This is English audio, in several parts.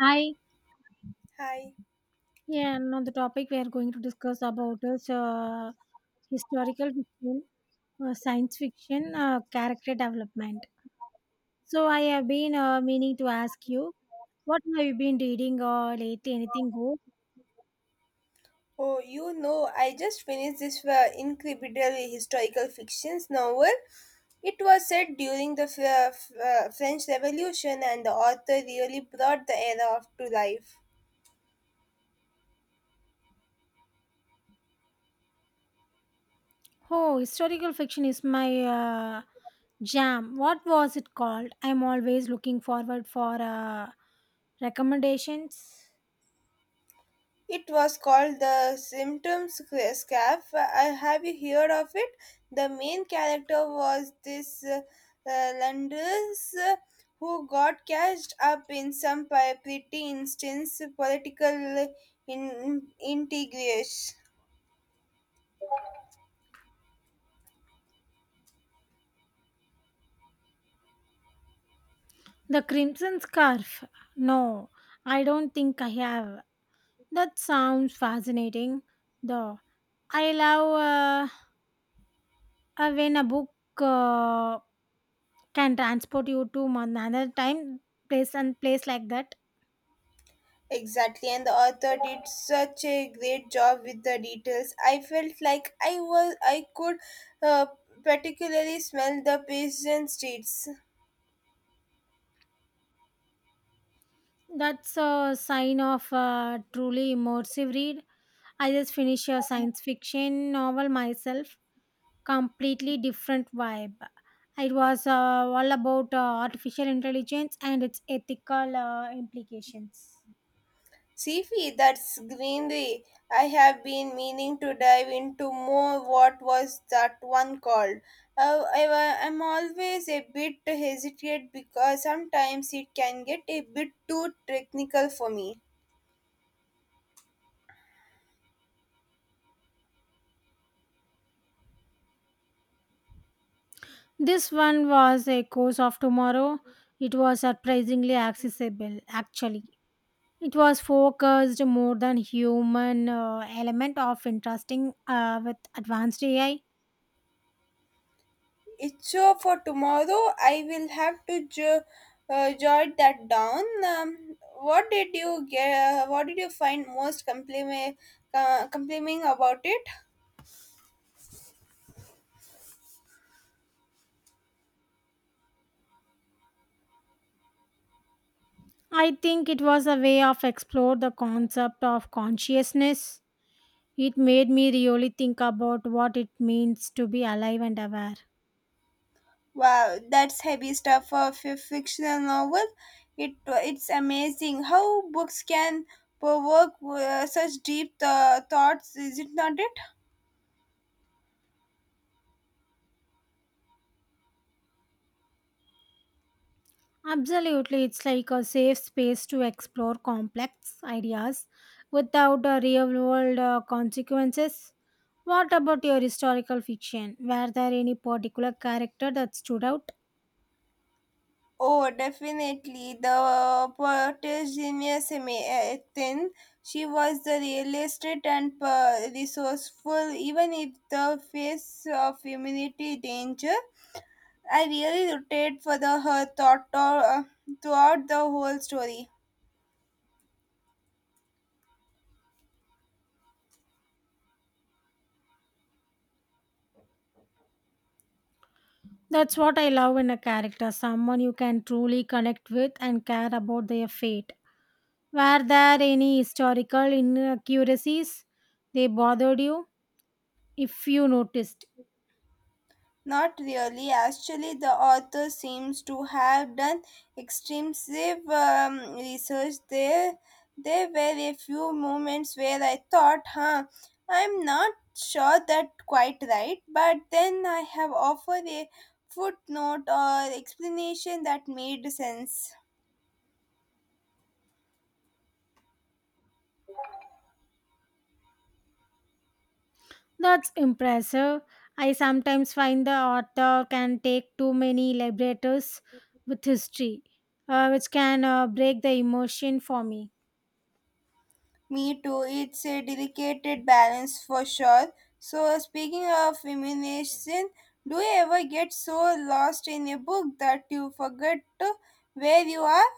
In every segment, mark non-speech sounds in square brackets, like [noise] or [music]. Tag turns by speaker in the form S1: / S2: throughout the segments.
S1: Hi.
S2: Hi.
S1: Yeah, and on the topic we are going to discuss about is historical fiction, science fiction, character development. So I have been meaning to ask you, what have you been reading or lately? Anything good?
S2: Oh, you know, I just finished this incredible historical fictions novel. It was set during the French Revolution, and the author really brought the era of to life.
S1: Oh, historical fiction is my jam. What was it called? I'm always looking forward for recommendations.
S2: It was called the Symptoms Scarf. Have you heard of it? The main character was this Landers who got catched up in some pretty instance political integration.
S1: The Crimson Scarf. No, I don't think I have. That sounds fascinating, though. I love when a book uh, can transport you to another time, place, and place like that.
S2: Exactly, and the author did such a great job with the details. I felt like I could uh, particularly smell the pigeon streets.
S1: That's a sign of a truly immersive read. I just finished a science fiction novel myself, completely different vibe. It was all about artificial intelligence and its ethical implications.
S2: Sifi, that's greenery. I have been meaning to dive into more. What was that one called? Uh, I, I'm always a bit hesitant because sometimes it can get a bit too technical for me.
S1: This one was a course of tomorrow. It was surprisingly accessible, actually. It was focused more than human element of interesting with advanced AI.
S2: It's so for tomorrow. I will have to jot that down. What did you get? What did you find most complimenting about it?
S1: I think it was a way of explore the concept of consciousness. It made me really think about what it means to be alive and aware.
S2: Wow, that's heavy stuff for a fictional novel. It's amazing how books can provoke such deep thoughts. Is it not? It
S1: Absolutely, it's like a safe space to explore complex ideas without real world consequences. What about your historical fiction? Were there any particular character that stood out?
S2: Oh, definitely. The poetess genius Ethan. She was the realistic and resourceful, even if the face of humanity danger. I really rooted for the her thought or, throughout the whole story.
S1: That's what I love in a character someone you can truly connect with and care about their fate. Were there any historical inaccuracies they bothered you? If you noticed,
S2: Not really. Actually, the author seems to have done extensive research. There were a few moments where I thought, huh, I'm not sure that quite right, but then I have offered a footnote or explanation that made sense.
S1: that's impressive. I sometimes find the author can take too many liberties with history, which can break the emotion for me.
S2: Me too. It's a delicate balance for sure. So, speaking of feminism, do you ever get so lost in a book that you forget to where you are?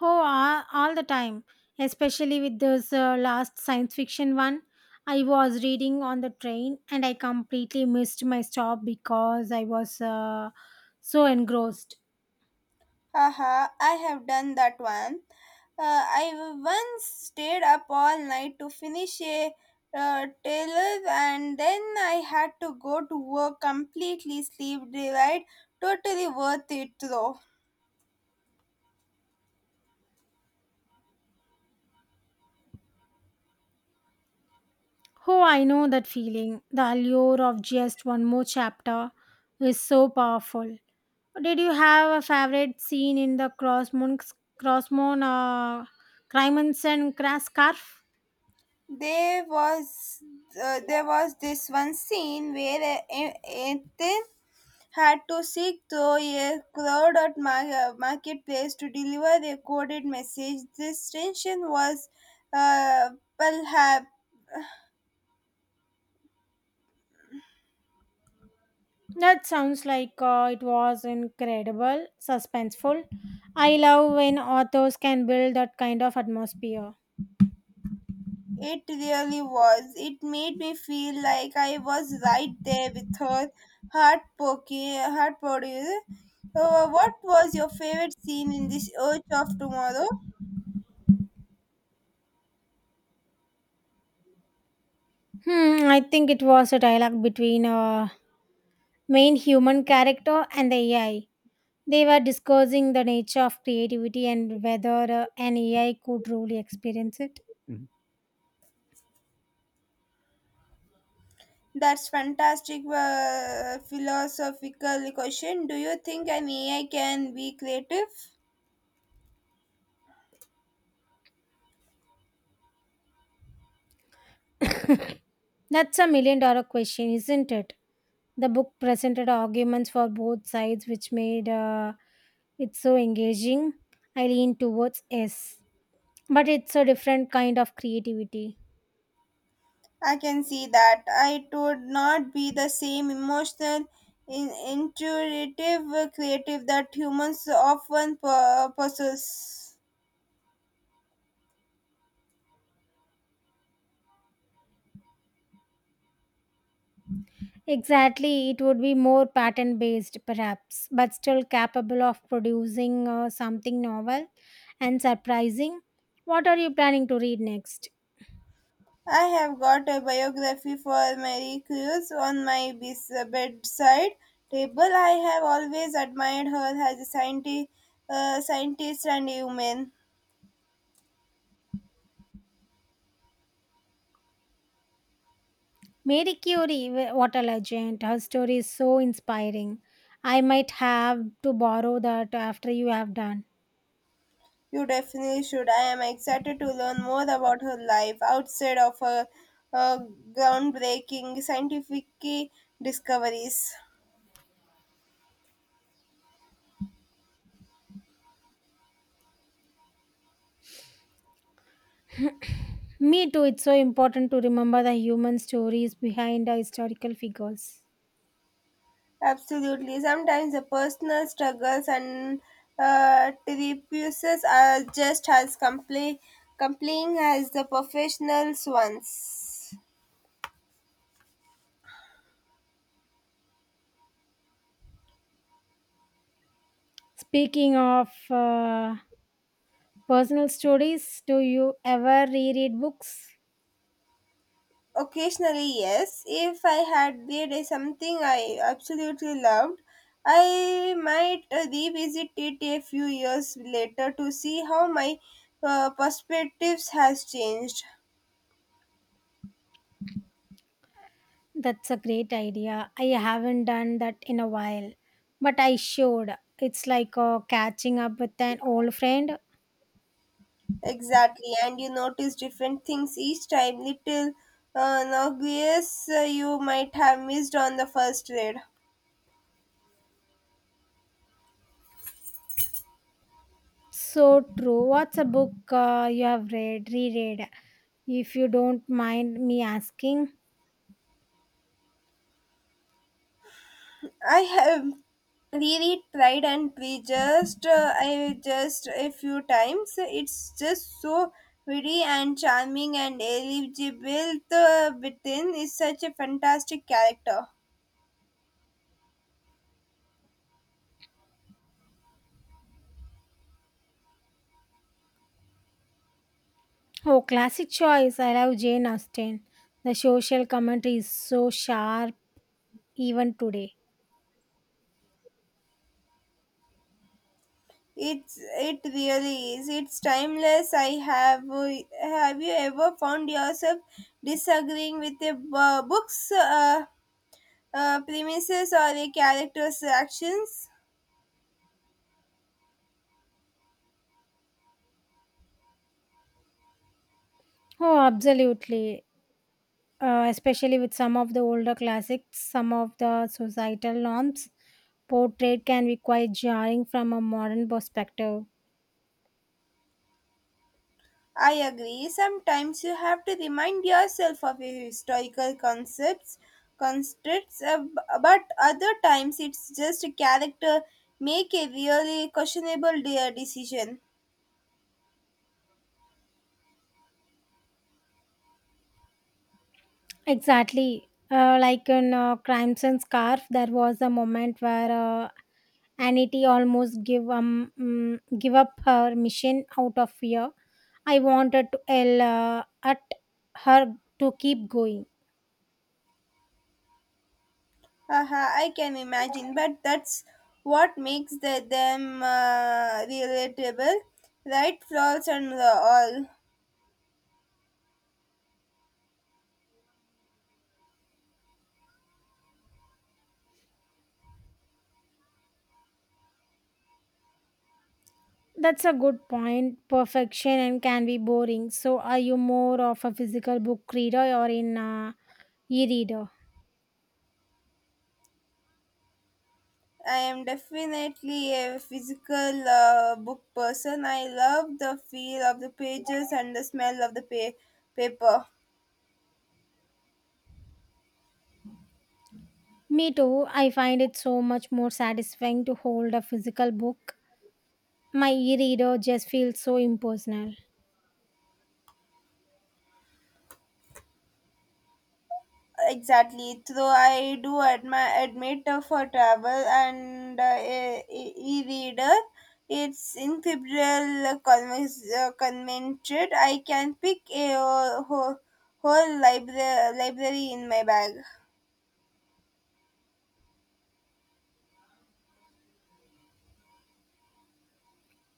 S1: Oh, all the time, especially with this last science fiction one. I was reading on the train and I completely missed my stop because I was so engrossed.
S2: Haha, I have done that one. I once stayed up all night to finish a Taylor, and then I had to go to work completely sleep deprived. Totally worth it though.
S1: Oh, I know that feeling. The allure of just one more chapter is so powerful. Did you have a favorite scene in the Crossmoon, uh, Crime and Crass Scarf?
S2: There was this one scene where Ethan had to seek through a crowd at marketplace to deliver a coded message. This tension was uh, perhaps
S1: That sounds like it was incredible, suspenseful. I love when authors can build that kind of atmosphere.
S2: it really was. It made me feel like I was right there with her, heart poking, heart pounding. What was your favorite scene in this Urge of Tomorrow?
S1: I think it was a dialogue between a main human character and the AI. They were discussing the nature of creativity and whether an AI could truly experience it.
S2: That's fantastic philosophical question. Do you think an AI can be creative?
S1: That's a million dollar question, isn't it? The book presented arguments for both sides, which made it so engaging. I lean towards S. But it's a different kind of creativity.
S2: I can see that. I would not be the same emotional, intuitive, creative that humans often possess.
S1: Exactly, it would be more pattern based perhaps, but still capable of producing something novel and surprising. What are you planning to read next?
S2: I have got a biography for Mary Curie on my bedside table. I have always admired her as a scientist, scientist and human.
S1: Mary Curie, what a legend. Her story is so inspiring. I might have to borrow that after you have done.
S2: You definitely should. I am excited to learn more about her life outside of her uh, groundbreaking scientific discoveries.
S1: [clears throat] Me too, it's so important to remember the human stories behind the historical figures.
S2: Absolutely. Sometimes the personal struggles and tribuses are just as compelling as the professional ones.
S1: Speaking of personal stories. Do you ever reread books?
S2: Occasionally, yes. If I had did a something I absolutely loved, I might revisit it a few years later to see how my perspectives has changed.
S1: That's a great idea. I haven't done that in a while, but I should. It's like catching up with an old friend.
S2: Exactly, and you notice different things each time. Little uh, obvious you might have missed on the first read.
S1: So true. What's a book you have read, reread, if you don't mind me asking?
S2: I have really tried and we just I just a few times. It's just so pretty and charming and eligible within is such a fantastic character.
S1: Oh, classic choice. I love Jane Austen. The social commentary is so sharp even today.
S2: It really is. It's timeless. I have you ever found yourself disagreeing with a book's premises or a character's actions?
S1: Oh, absolutely. Especially with some of the older classics, some of the societal norms portrayed can be quite jarring from a modern perspective.
S2: I agree. Sometimes you have to remind yourself of your historical constructs, but other times it's just a character make a really questionable decision.
S1: Exactly. Like in Crimes and Scarf, there was a moment where Anity almost give give up her mission out of fear. I wanted to yell at her to keep going.
S2: Haha, I can imagine, but that's what makes them relatable, right? Flaws and all.
S1: That's a good point. Perfection and can be boring. So, are you more of a physical book reader or in a e-reader?
S2: I am definitely a physical book person. I love the feel of the pages and the smell of the paper.
S1: Me too. I find it so much more satisfying to hold a physical book. My e-reader just feels so impersonal.
S2: Exactly. Though I do admit for travel and e-reader, it's incredible convenience. Convenient. I can pick a whole library in my bag.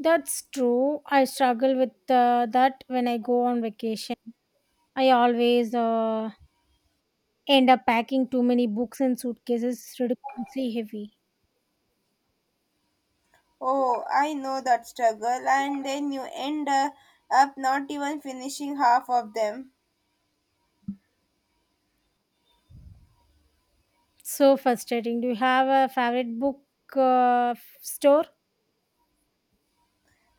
S1: That's true. I struggle with that when I go on vacation. I always end up packing too many books and suitcases ridiculously heavy.
S2: Oh, I know that struggle, and then you end up not even finishing half of them.
S1: So frustrating. Do you have a favorite book uh, store?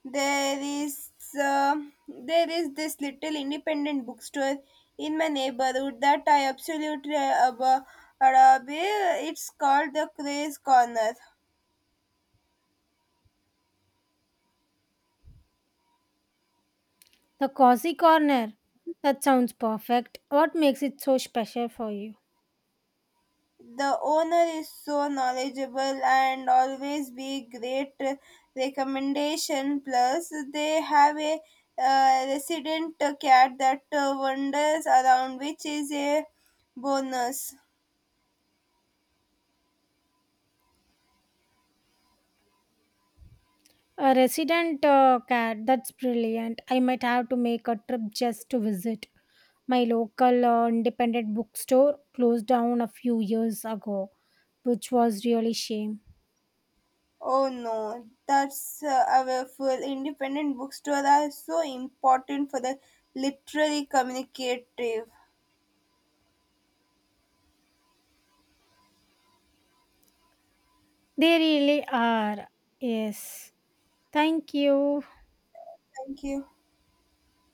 S2: There is uh, this little independent bookstore in my neighborhood that I absolutely adore. It's called the Craze Corner.
S1: The cozy corner. That sounds perfect. What makes it so special for you?
S2: The owner is so knowledgeable and always be great recommendation plus they have a resident cat that wanders around which is a bonus.
S1: A resident cat. That's brilliant. I might have to make a trip just to visit. My local independent bookstore closed down a few years ago, which was really shame.
S2: Oh no, that's our full independent bookstore are so important for the literary communicative.
S1: They really are. Yes. Thank you.
S2: Thank you.